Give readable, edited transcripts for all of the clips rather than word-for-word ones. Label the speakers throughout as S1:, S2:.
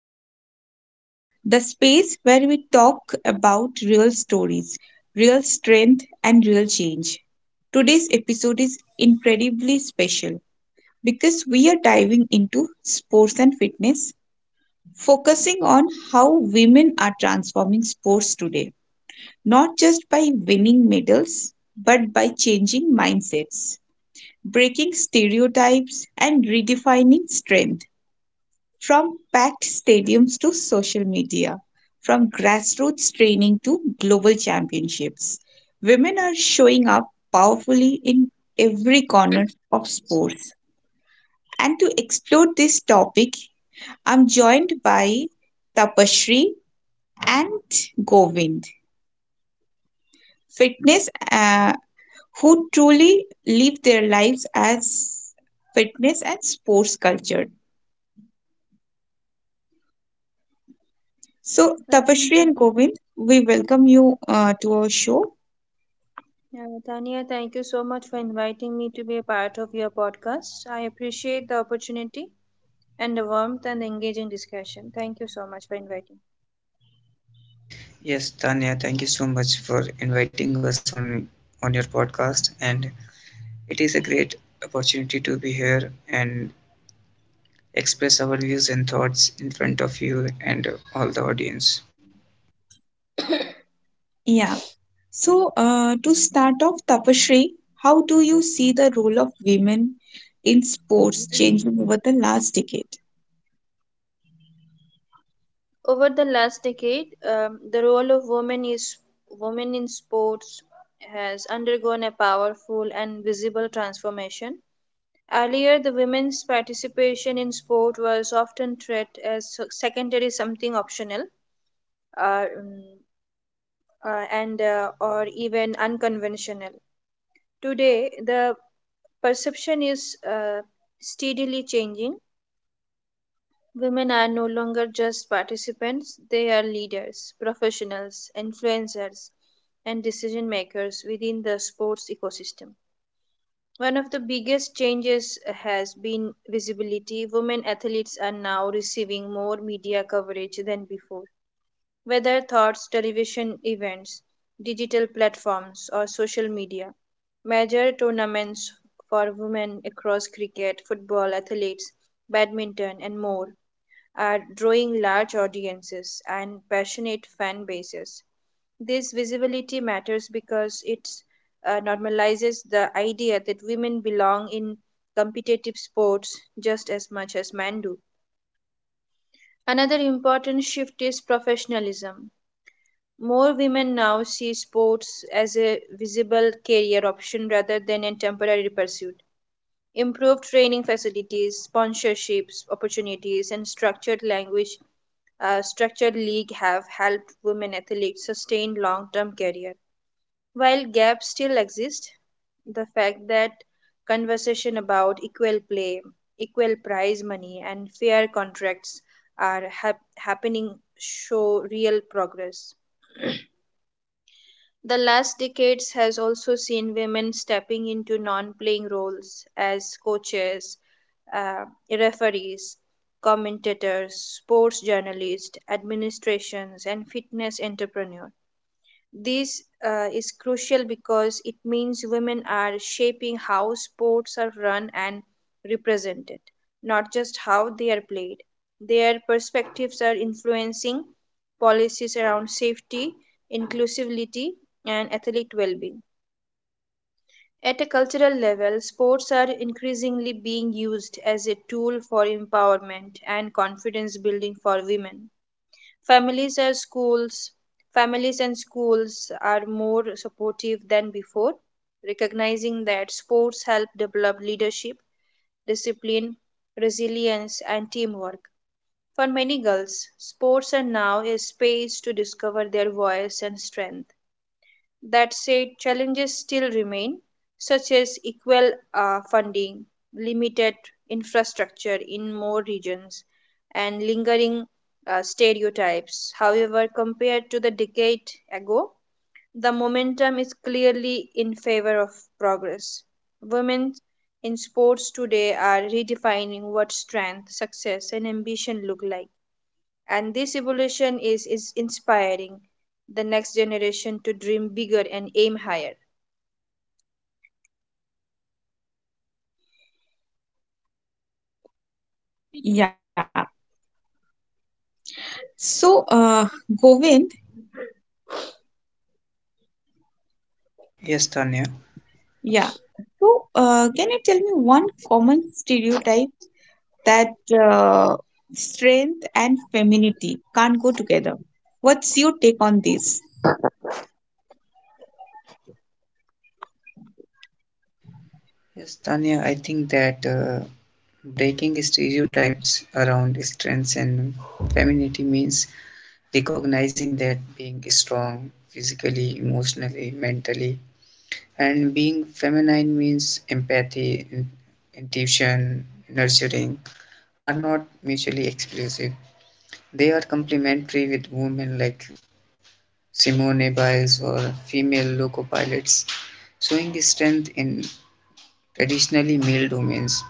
S1: Barriers, the space where we talk about real stories, real strength, and real change. Today's episode is incredibly special because we are diving into sports and fitness, focusing on how women are transforming sports today, not just by winning medals, but by changing mindsets, breaking stereotypes, and redefining strength. From packed stadiums to social media, from grassroots training to global championships, women are showing up powerfully in every corner of sports. And to explore this topic, I'm joined by Tapashri and Govind, fitness who truly live their lives as fitness and sports culture. So,
S2: Thank
S1: Tapashri
S2: you.
S1: and Govind, we welcome you to our show.
S2: Yeah, Tanya, thank you so much for inviting me to be a part of your podcast. I appreciate the opportunity and the warmth and the engaging discussion. Thank you so much for inviting
S3: Yes, Tanya, thank you so much for inviting us on your podcast, and it is a great opportunity to be here and express our views and thoughts in front of you and all the audience.
S1: Yeah. So, to start off, Tapasree, how do you see the role of women in sports
S2: me.
S1: changing over the last decade?
S2: Over the last decade, the role of women is women in sports has undergone a powerful and visible transformation. Earlier, the women's participation in sport was often treated as secondary something optional. Mm, and Or even unconventional. Today, the perception is steadily changing. Women are no longer just participants; they are leaders, professionals, influencers, and decision makers within the sports ecosystem. One of the biggest changes has been visibility. Women athletes are now receiving more media coverage than before whether thoughts, television events, digital platforms, or social media. Major tournaments for women across cricket, football, athletics, badminton, and more are drawing large audiences and passionate fan bases. This visibility matters because it normalizes the idea that women belong in competitive sports just as much as men do. Another important shift is professionalism. More women now see sports as a visible career option rather than a temporary pursuit. Improved training facilities, sponsorships, opportunities, and structured league have helped women athletes sustain long-term career. While gaps still exist, the fact that conversation about equal play, equal prize money, and fair contracts are happening show real progress. The last decades has also seen women stepping into non-playing roles as coaches, referees, commentators, sports journalists, administrations, and fitness entrepreneurs. This is crucial because it means women are shaping how sports are run and represented, not just how they are played. Their perspectives are influencing policies around safety, inclusivity, and athlete well being. At a cultural level, sports are increasingly being used as a tool for empowerment and confidence building for women. Families are schools. Families and schools are more supportive than before, recognizing that sports help develop leadership, discipline, resilience, and teamwork. For many girls, sports are now a space to discover their voice and strength. That said, challenges still remain, such as equal funding, limited infrastructure in more regions, and lingering stereotypes. However, compared to the decade ago, the momentum is clearly in favor of progress. Women in sports today are redefining what strength, success, and ambition look like, and this evolution is inspiring the next generation to dream bigger and aim higher.
S1: Yeah. So, Govind,
S3: Yes, Tanya.
S1: yeah. So, can you tell me one common stereotype? That uh, strength and femininity can't go together. What's your take on this?
S3: Yes, Tanya, I think that breaking stereotypes around strengths and femininity means recognizing that being strong physically, emotionally, mentally, and being feminine means empathy, intuition, nurturing are not mutually exclusive. They are complementary with women like Simone Biles or female loco pilots, showing strength in traditionally male domains.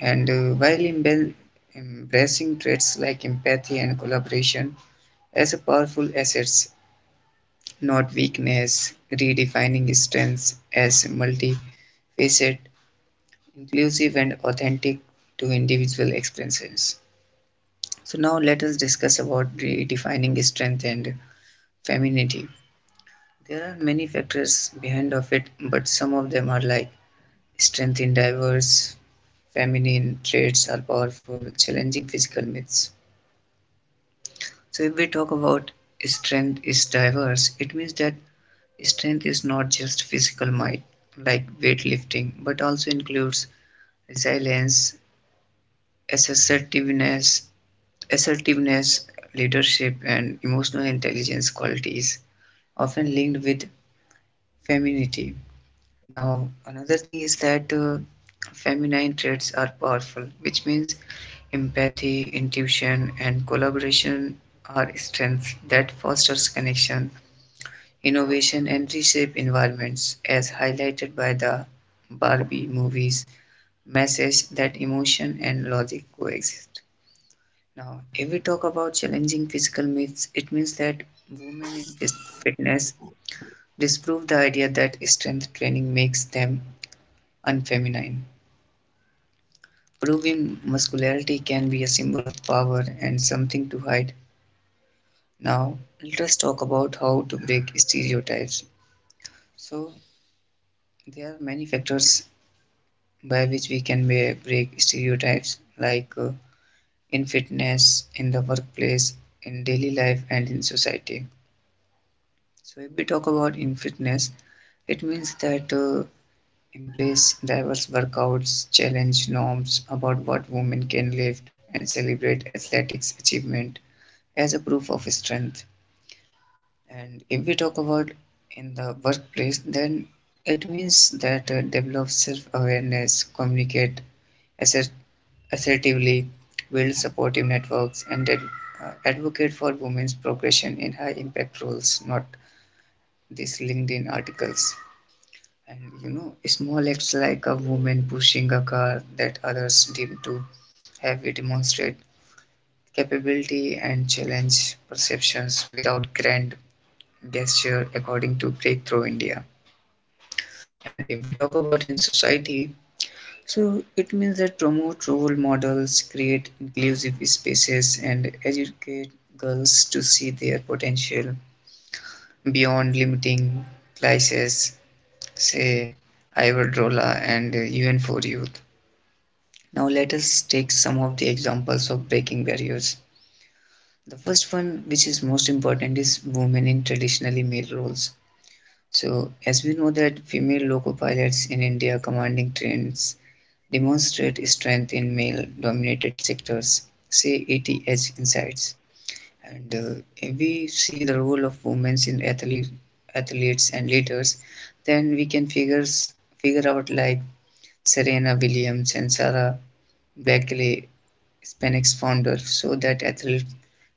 S3: And while embracing traits like empathy and collaboration as a powerful assets, not weakness, redefining strengths as multifaceted inclusive and authentic to individual experiences. So now let us discuss about redefining strength and femininity. There are many factors behind of it, but some of them are like strength in diverse feminine traits are powerful, challenging physical myths. So if we talk about strength is diverse, it means that strength is not just physical might like weightlifting, but also includes resilience, assertiveness, assertiveness, leadership, and emotional intelligence qualities often linked with femininity. Now, another thing is that feminine traits are powerful, which means empathy, intuition, and collaboration are strengths that fosters connection, innovation, and reshape environments, as highlighted by the Barbie movies message that emotion and logic coexist. Now, if we talk about challenging physical myths, it means that women in fitness disprove the idea that strength training makes them unfeminine. Proving muscularity can be a symbol of power and something to hide. Now, let us talk about how to break stereotypes. So, there are many factors by which we can break stereotypes, like in fitness, in the workplace, in daily life, and in society. So if we talk about in fitness, it means that embrace diverse workouts, challenge norms about what women can lift, and celebrate athletics achievement as a proof of strength. And if we talk about in the workplace, then it means that develop self-awareness, communicate assert- assertively, build supportive networks, and advocate for women's progression in high-impact roles, not these LinkedIn articles. And you know, small acts like a woman pushing a car that others deem too heavy demonstrate capability and challenge perceptions without grand gesture, according to Breakthrough India. And if we talk about in society, so it means that promote role models, create inclusive spaces, and educate girls to see their potential beyond limiting classes, say Iberdrola and UN for Youth. Now let us take some of the examples of breaking barriers. The first one, which is most important, is women in traditionally male roles. So as we know that female loco pilots in India commanding trains demonstrate strength in male-dominated sectors, say ATH insights. And if we see the role of women in athlete, athletes and leaders, then we can figure out like Serena Williams and Sarah Blackley Spanx founder, so that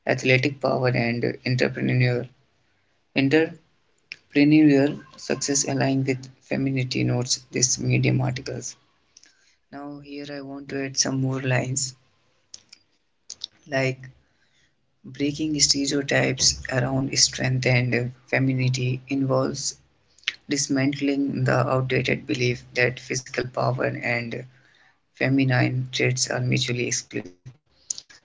S3: athletic power and entrepreneurial success align with femininity, notes this Medium articles. Now, here I want to add some more lines like breaking stereotypes around strength and femininity involves dismantling the outdated belief that physical power and feminine traits are mutually exclusive.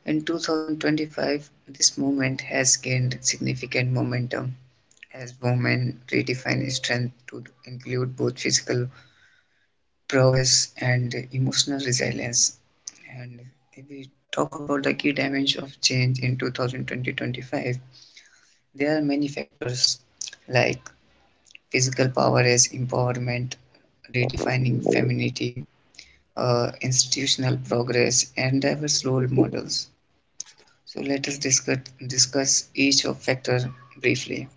S3: In 2025, this movement has gained significant momentum as women redefine strength to include both physical prowess and emotional resilience. And if we talk about the key dimensions of change in 2020-25, there are many factors like physical power as empowerment, redefining femininity, institutional progress, and diverse role models. So let us discuss each of factor briefly.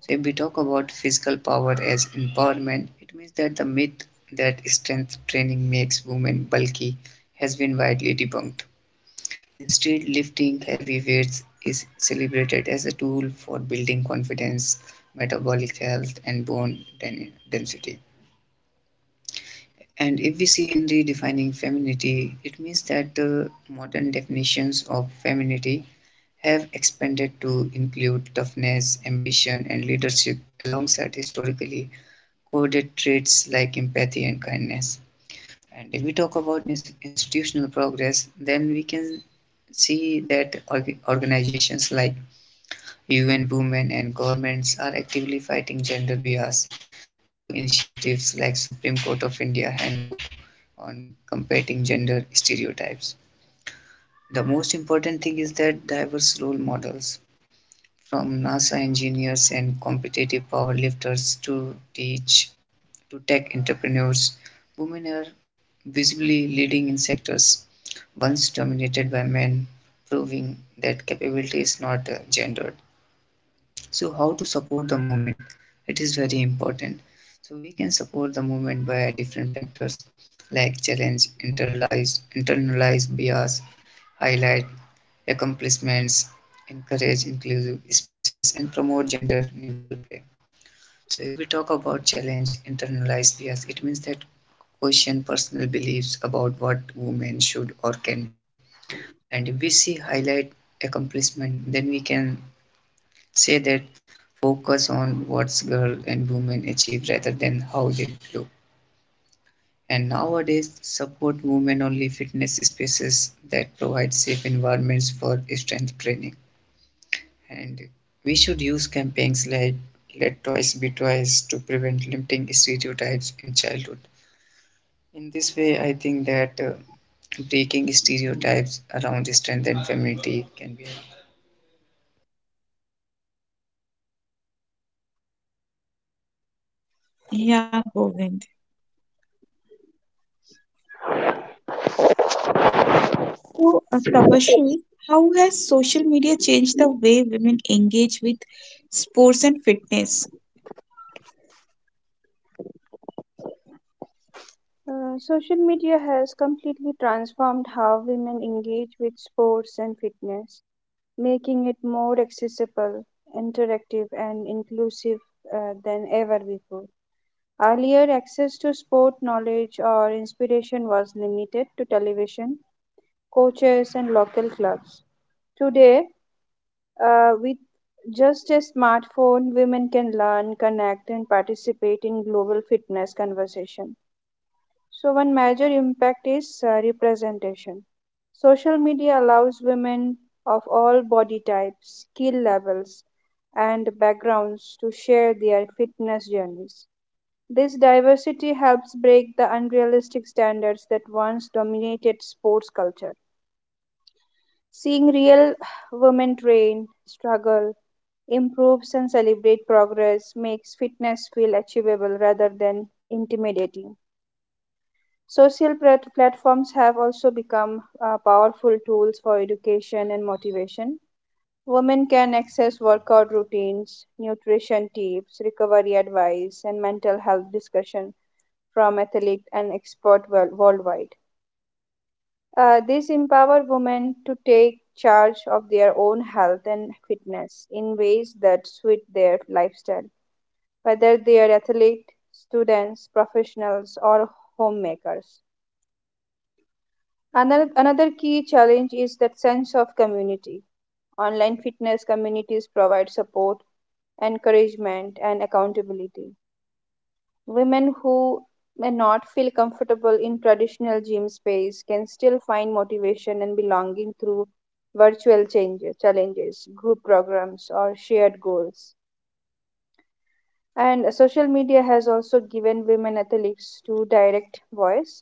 S3: So if we talk about physical power as empowerment, it means that the myth that strength training makes women bulky has been widely debunked. Instead, lifting heavy weights is celebrated as a tool for building confidence, metabolic health, and bone density. And if we see in redefining femininity, it means that modern definitions of femininity have expanded to include toughness, ambition, and leadership alongside historically coded traits like empathy and kindness. And if we talk about institutional progress, then we can see that organizations like UN Women and governments are actively fighting gender bias through initiatives like Supreme Court of India Handbook on combating gender stereotypes. The most important thing is that diverse role models from NASA engineers and competitive powerlifters to teach to tech entrepreneurs, women are visibly leading in sectors once dominated by men, proving that capability is not gendered. So how to support the movement? It is very important. So we can support the movement by different factors like internalized bias, highlight accomplishments, encourage inclusive spaces, and promote gender neutral play. So if we talk about challenge, internalized bias, it means that question personal beliefs about what women should or can do. And if we see highlight accomplishment, then we can say that focus on what's girl and women achieve rather than how they look. And nowadays, support women only fitness spaces that provide safe environments for strength training. And we should use campaigns like Let Twice Be Twice to prevent limiting stereotypes in childhood. In this way, I think that breaking stereotypes around strength and femininity can be helped.
S1: Yeah, Govind. So, Tapashri, how has social media changed the way women engage with sports and fitness?
S2: Social media has completely transformed how women engage with sports and fitness, making it more accessible, interactive, and inclusive than ever before. Earlier, access to sport knowledge or inspiration was limited to television, coaches, and local clubs. Today, with just a smartphone, women can learn, connect, and participate in global fitness conversation. So, one major impact is representation. Social media allows women of all body types, skill levels, and backgrounds to share their fitness journeys. This diversity helps break the unrealistic standards that once dominated sports culture. Seeing real women train, struggle, improves and celebrates progress, makes fitness feel achievable rather than intimidating. Social platforms have also become powerful tools for education and motivation. Women can access workout routines, nutrition tips, recovery advice, and mental health discussion from athletes and experts worldwide. This empower women to take charge of their own health and fitness in ways that suit their lifestyle, whether they are athletes, students, professionals, or homemakers. Another key challenge is that sense of community. Online fitness communities provide support, encouragement, and accountability. Women who may not feel comfortable in traditional gym space can still find motivation and belonging through challenges, group programs, or shared goals. And social media has also given women athletes to direct voice.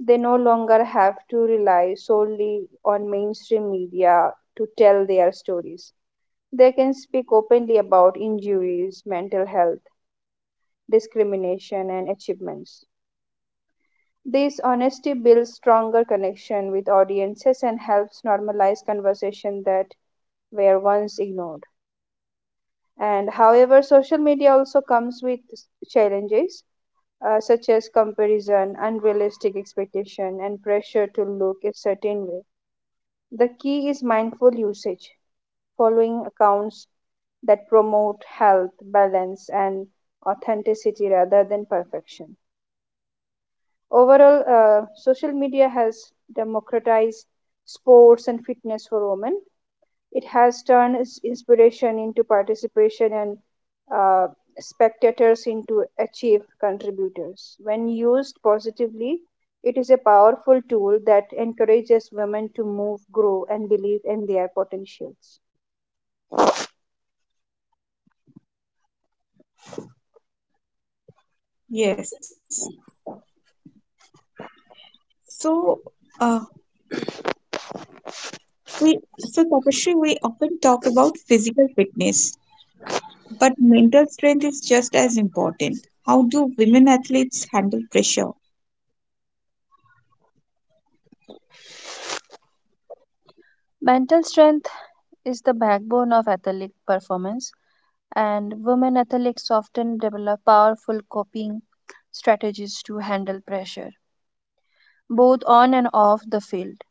S2: They no longer have to rely solely on mainstream media to tell their stories. They can speak openly about injuries, mental health, discrimination, and achievements. This honesty builds stronger connection with audiences and helps normalize conversation that were once ignored. And however, social media also comes with challenges, such as comparison, unrealistic expectation, and pressure to look a certain way. The key is mindful usage, following accounts that promote health, balance, and authenticity rather than perfection. Overall, social media has democratized sports and fitness for women, it has turned its inspiration into participation and uh, spectators into achieved contributors. When used positively, it is a powerful tool that encourages women to move, grow, and believe in their potentials.
S1: Yes. So, uh, we so Tapashri, we often talk about physical fitness, but mental strength is just as important. How do women athletes handle pressure?
S2: Mental strength is the backbone of athletic performance, and women athletes often develop powerful coping strategies to handle pressure, both on and off the field.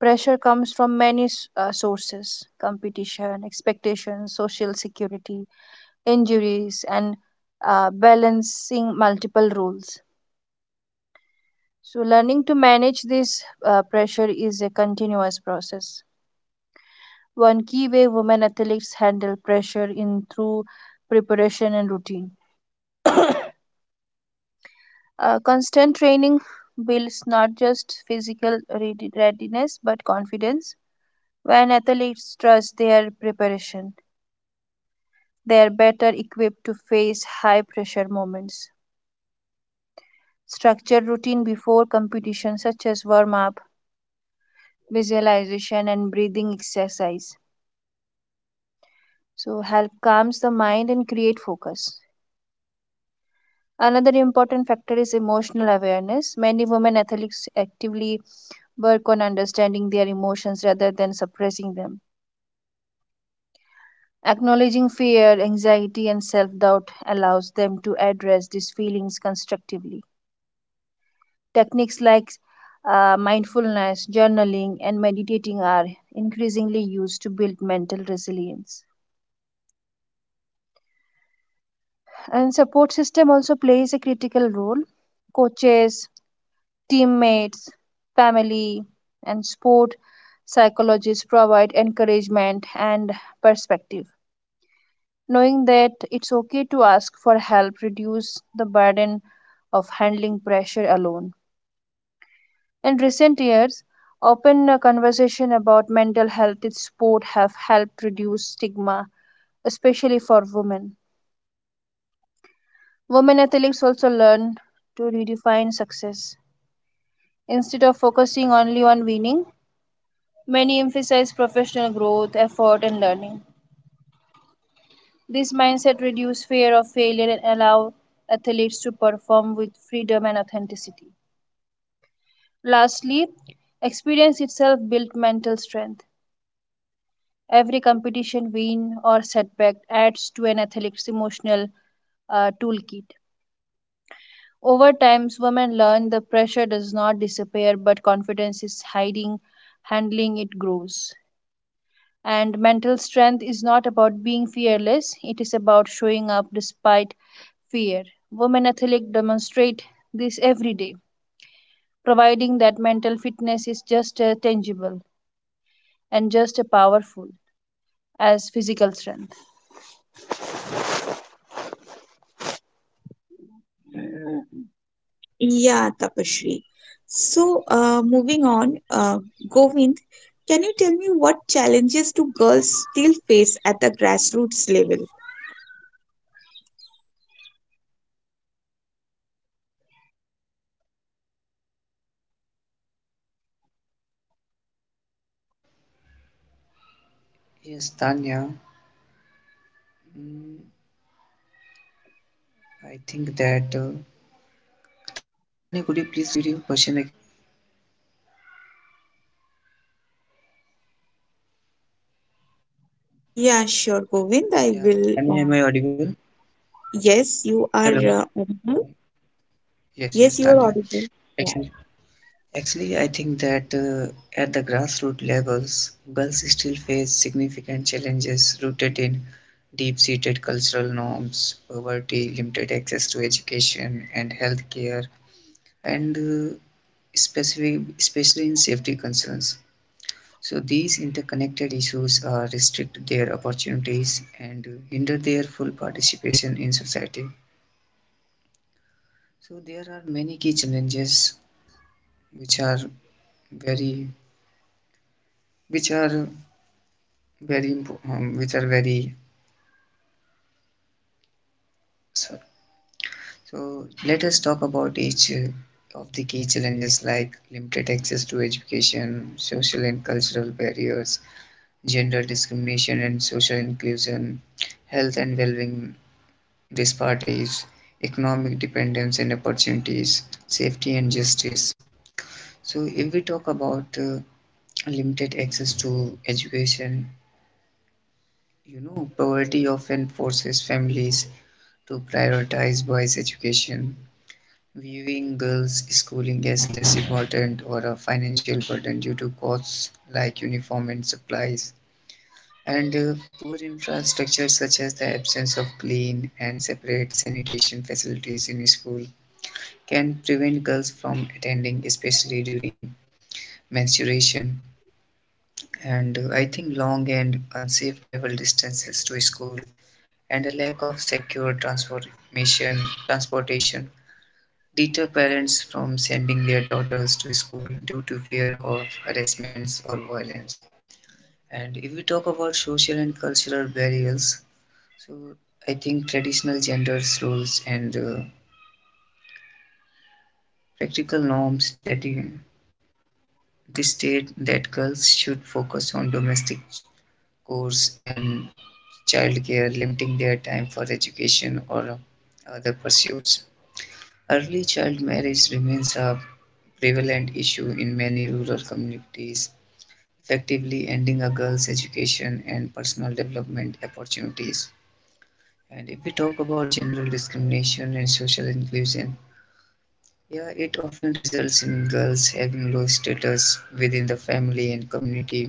S2: Pressure comes from many sources competition, expectations, social security, injuries, and balancing multiple roles. So, learning to manage this pressure is a continuous process. One key way women athletes handle pressure in through preparation and routine. Constant training builds not just physical readiness but confidence when athletes trust their preparation. They are better equipped to face high pressure moments. Structure routine before competition, such as warm up, visualization, and breathing exercise. So, help calms the mind and create focus. Another important factor is emotional awareness. Many women athletes actively work on understanding their emotions rather than suppressing them. Acknowledging fear, anxiety, and self doubt allows them to address these feelings constructively. Techniques like mindfulness, journaling, and meditating are increasingly used to build mental resilience. And support system also plays a critical role. Coaches, teammates, family, and sport psychologists provide encouragement and perspective. Knowing that it's okay to ask for help reduces the burden of handling pressure alone. In recent years, open conversation about mental health in sport have helped reduce stigma, especially for women. Women athletes also learn to redefine success. Instead of focusing only on winning, many emphasize professional growth, effort, and learning. This mindset reduces fear of failure and allow athletes to perform with freedom and authenticity. Lastly, experience itself builds mental strength. Every competition win or setback adds to an athlete's emotional toolkit. Over time, women learn the pressure does not disappear, but confidence is hiding, handling it grows. And mental strength is not about being fearless, it is about showing up despite fear. Women athletes demonstrate this every day, providing that mental fitness is just as tangible and just as powerful as physical strength.
S1: Yeah, Tapashri. So, moving on, Govind, can you tell me what challenges do girls still face at the grassroots level?
S3: Yes, Tanya, mm, I think that. Tanya, could you please repeat your question again?
S1: Yeah, sure, Govind. I
S3: Yeah,
S1: will.
S3: Tanya,
S1: Uh,
S3: am I audible?
S1: yes, you are
S3: Hello.
S1: audible.
S3: Yes, yes,
S1: Yes, you are
S3: Tanya.
S1: audible. Yeah.
S3: Excellent. Actually, I think that at the grassroots levels, girls still face significant challenges rooted in deep seated cultural norms, poverty, limited access to education and healthcare, and especially in safety concerns. So these interconnected issues restrict their opportunities and hinder their full participation in society. So there are many key challenges which are very which are very impo- which are very so, so let us talk about each of the key challenges like limited access to education, social and cultural barriers, gender discrimination and social inclusion, health and well-being. This part is economic dependence and opportunities, safety and justice. So, if we talk about limited access to education, you know, poverty often forces families to prioritize boys' education, viewing girls' schooling as less important or a financial burden due to costs like uniform and supplies. And poor infrastructure, such as the absence of clean and separate sanitation facilities in school, can prevent girls from attending, especially during menstruation. And I think long and unsafe travel distances to school and a lack of secure transportation deter parents from sending their daughters to school due to fear of harassments or violence. And if we talk about social and cultural barriers, so I think traditional gender roles and practical norms that this state that girls should focus on domestic chores and childcare, limiting their time for education or other pursuits. Early child marriage remains a prevalent issue in many rural communities, effectively ending a girl's education and personal development opportunities. And if we talk about general discrimination and social inclusion, yeah, it often results in girls having low status within the family and community,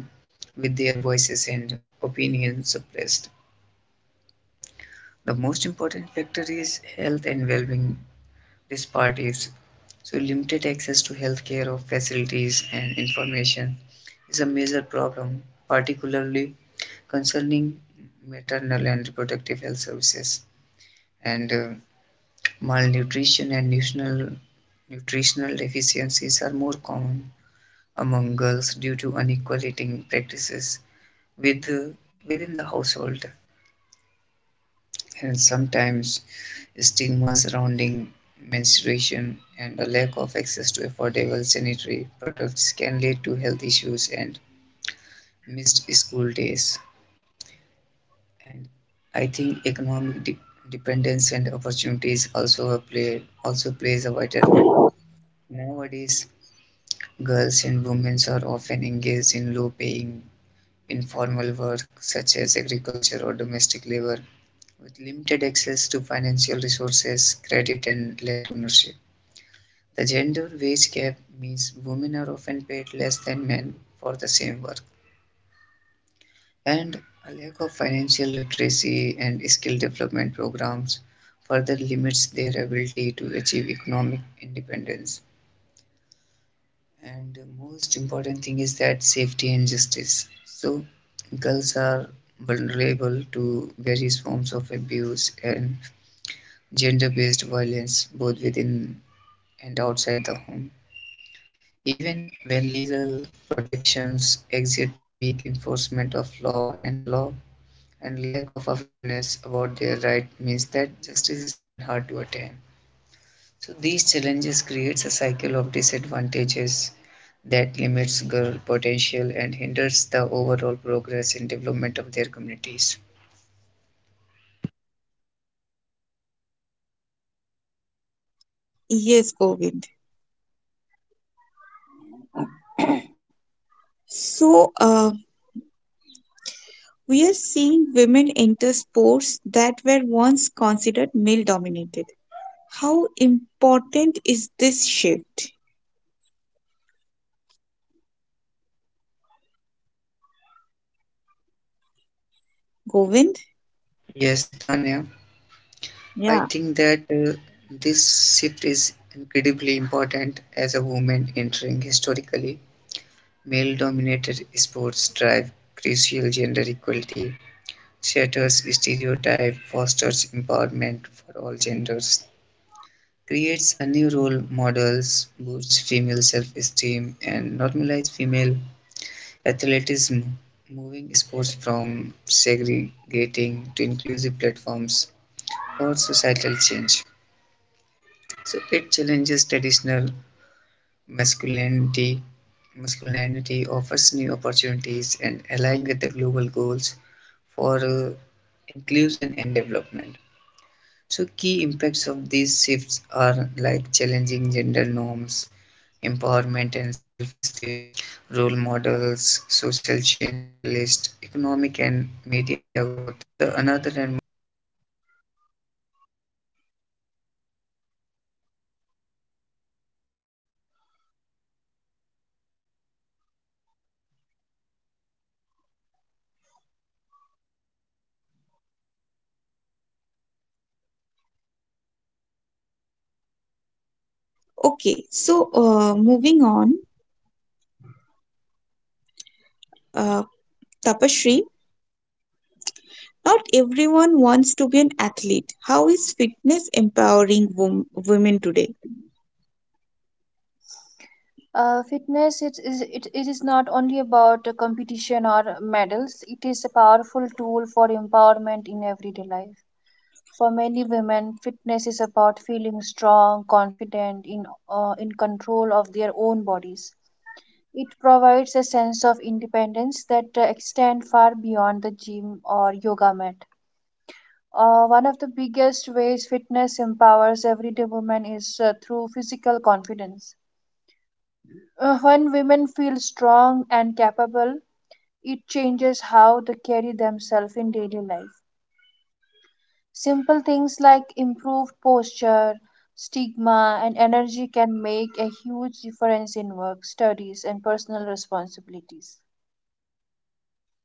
S3: with their voices and opinions suppressed. The most important factor is health and well being disparities. So, limited access to healthcare or facilities and information is a major problem, particularly concerning maternal and reproductive health services. And malnutrition and nutritional deficiencies are more common among girls due to unequal eating practices with, within the household and sometimes stigma surrounding menstruation and a lack of access to affordable sanitary products can lead to health issues and missed school days. And I think dependence and opportunities also a play also plays a vital role. Nowadays girls and women are often engaged in low paying informal work such as agriculture or domestic labor with limited access to financial resources, credit, and land ownership. The gender wage gap means women are often paid less than men for the same work, and a lack of financial literacy and skill development programs further limits their ability to achieve economic independence. And the most important thing is that safety and justice. So girls are vulnerable to various forms of abuse and gender based violence both within and outside the home. Even when legal protections exist, the weak enforcement of law and the law and lack of awareness about their right means that justice is often hard to attain. So these challenges creates a cycle of disadvantages that limits girl potential and hinders the overall progress and development of their communities.
S1: Yes, Govind. So, we are seeing women enter sports that were once considered male dominated. How important is this shift, Govind?
S3: Yes, Tanya, I
S1: Yeah.
S3: think that this shift is incredibly important as a woman entering historically male-dominated sports drive crucial gender equality, shatters stereotype, fosters empowerment for all genders, creates a new role models, boosts female self-esteem, and normalizes female athleticism, moving sports from segregating to inclusive platforms for societal change. So it challenges traditional masculinity. masculinity, offers new opportunities and align with the global goals for inclusion and development. So, key impacts of these shifts are like challenging gender norms, empowerment and self esteem, role models, social change catalyst, economic and media growth, and the another and most important is breaking barriers. So, if we talk about challenging gender norms, it means that women in these sports directly confront stereotypes linking athleticism to masculinity, proving that skill and power are
S1: Okay,
S3: not gender
S1: so
S3: exclusive.
S1: moving on,
S3: And nowadays, we can see that
S1: uh,
S3: participation
S1: Tapashri.
S3: boosts confidence, freedom, and
S1: Not
S3: social network,
S1: everyone wants to be an
S3: empowering
S1: athlete.
S3: women
S1: How
S3: and
S1: is
S3: girls
S1: fitness
S3: beyond the field.
S1: empowering women
S3: If we
S1: today?
S3: talk about the role models, we can see that female
S2: Uh, fitness
S3: athletes
S2: it
S3: in
S2: is it,
S3: these
S2: it is not only
S3: arenas
S2: about a competition or medals,
S3: become
S2: it is a
S3: powerful,
S2: powerful tool for
S3: relatable role
S2: empowerment in
S3: models,
S2: everyday life.
S3: inspiring young girls to
S2: For many
S3: pursue their
S2: women,
S3: athletic
S2: fitness is
S3: dreams
S2: about
S3: without
S2: feeling
S3: limitations.
S2: strong, confident
S3: And
S2: in control of their
S3: I
S2: own
S3: think
S2: bodies.
S3: sports is a
S2: It
S3: major cultural
S2: provides a sense of
S3: institution
S2: independence that
S3: for women's
S2: extend far
S3: entry
S2: beyond the gym
S3: signals
S2: or yoga mat.
S3: broader
S2: uh,
S3: societal
S2: one of the
S3: shifts
S2: biggest
S3: prompting
S2: ways
S3: diversity,
S2: fitness
S3: inclusion,
S2: empowers
S3: and
S2: everyday
S3: equality.
S2: women is through physical
S3: And if we
S2: confidence.
S3: talk about economic and
S2: uh,
S3: media growth,
S2: when
S3: it
S2: women feel
S3: means that
S2: strong and
S3: increased
S2: capable,
S3: visibility
S2: it
S3: attracts
S2: changes
S3: new
S2: how they
S3: audiences,
S2: carry themselves in daily
S3: investment,
S2: life.
S3: and media attention, treating
S2: Simple things
S3: women's
S2: like
S3: sport as a
S2: improved
S3: significant
S2: posture,
S3: business.
S2: stigma, and
S3: The most
S2: energy can
S3: important
S2: make
S3: factor
S2: a
S3: is
S2: huge
S3: breaking
S2: difference in work,
S3: barriers.
S2: studies, and
S3: So I
S2: personal
S3: think that it opens
S2: responsibilities.
S3: doors for the future generation,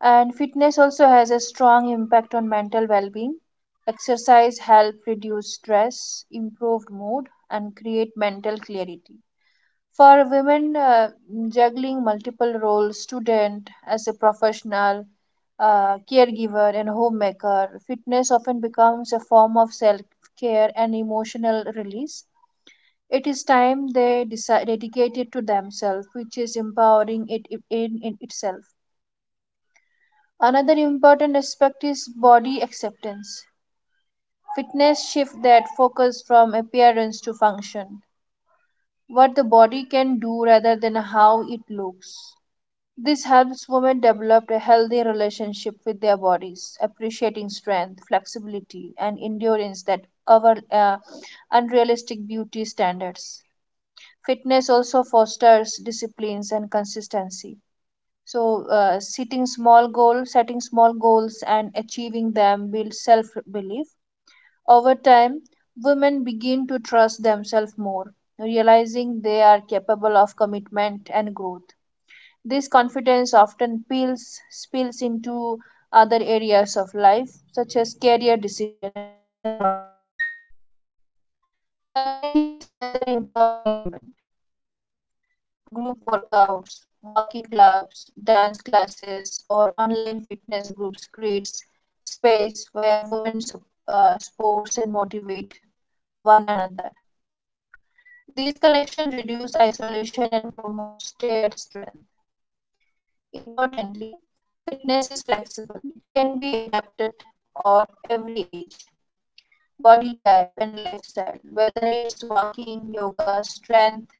S2: And
S3: pushing for
S2: fitness
S3: equal
S2: also has a strong
S3: opportunities in
S2: impact on mental
S3: coaching,
S2: well being.
S3: leadership, and sports
S2: Exercise helps
S3: governance,
S2: reduce
S3: even
S2: stress,
S3: if challenges
S2: improve mood,
S3: remains.
S2: and create
S3: And
S2: mental clarity.
S3: in
S2: For
S3: essence,
S2: women,
S3: this trend is not just
S2: juggling
S3: about the
S2: multiple
S3: sports;
S2: roles
S3: it is a
S2: student,
S3: powerful
S2: as a
S3: cultural movement,
S2: professional,
S3: reshaping
S2: caregiver, and
S3: perceptions of women
S2: homemaker fitness
S3: capabilities
S2: often
S3: and
S2: becomes a form of
S3: advocating
S2: self
S3: for more
S2: care and emotional
S3: equitable
S2: release.
S3: society.
S2: It is
S3: Here
S2: time
S3: I want
S2: they
S3: to add
S2: decide,
S3: some more lines
S2: dedicated to
S3: like
S2: themselves, which is empowering it i- in,
S3: the
S2: in
S3: shift
S2: itself.
S3: of women entering traditionally
S2: Another
S3: male-dominated
S2: important
S3: sports is
S2: aspect is
S3: considered as a
S2: body
S3: landmark
S2: acceptance.
S3: cultural and
S2: Fitness shift that
S3: economic turning
S2: focus
S3: point
S2: from
S3: in
S2: appearance to
S3: 2025.
S2: function, what the
S3: This
S2: body
S3: movement
S2: can
S3: is
S2: do
S3: far
S2: rather than how
S3: more
S2: it
S3: than a trend.
S2: looks.
S3: It is a
S2: This helps women
S3: fundamental
S2: develop a
S3: restructuring
S2: healthy relationship with their
S3: of the
S2: bodies,
S3: sports
S2: appreciating strength,
S3: industry that provides
S2: flexibility, and
S3: significant
S2: endurance
S3: social,
S2: that
S3: personal,
S2: our
S3: and financial benefits.
S2: unrealistic beauty standards. Fitness also fosters disciplines and consistency. So, setting small goals, and achieving them builds self-belief. Over time, women begin to trust themselves more, realizing they are capable of commitment and growth. This confidence often spills into other areas of life, such as career decision and personal boundaries. Community is another empowering element. Group workouts, walking clubs, dance classes, or online fitness groups creates space where women sports and motivate one another. These connections reduce isolation and promote shared strength. Importantly, fitness is flexible. It can be adapted or every age, body type and lifestyle, whether it's walking, yoga, strength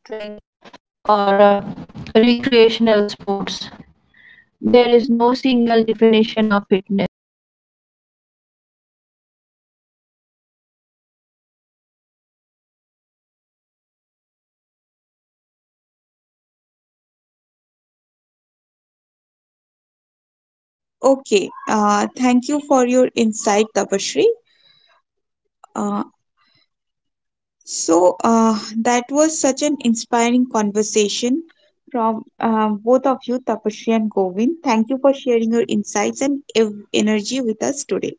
S1: Okay, thank you for your insight, Tapashri. Uh, so, that was such an inspiring conversation from both of you, Tapashri and Govind. Thank you for sharing your insights and energy with us today.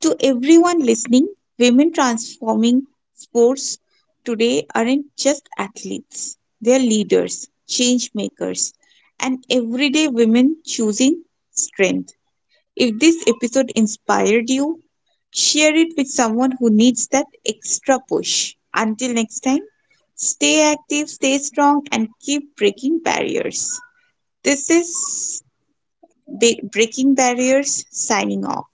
S1: To everyone listening, women transforming sports today aren't just athletes, they're leaders, change makers, and everyday women choosing strength. If this episode inspired you, share it with someone who needs that extra push. Until next time, stay active, stay strong, and keep breaking barriers. This is Breaking Barriers signing off.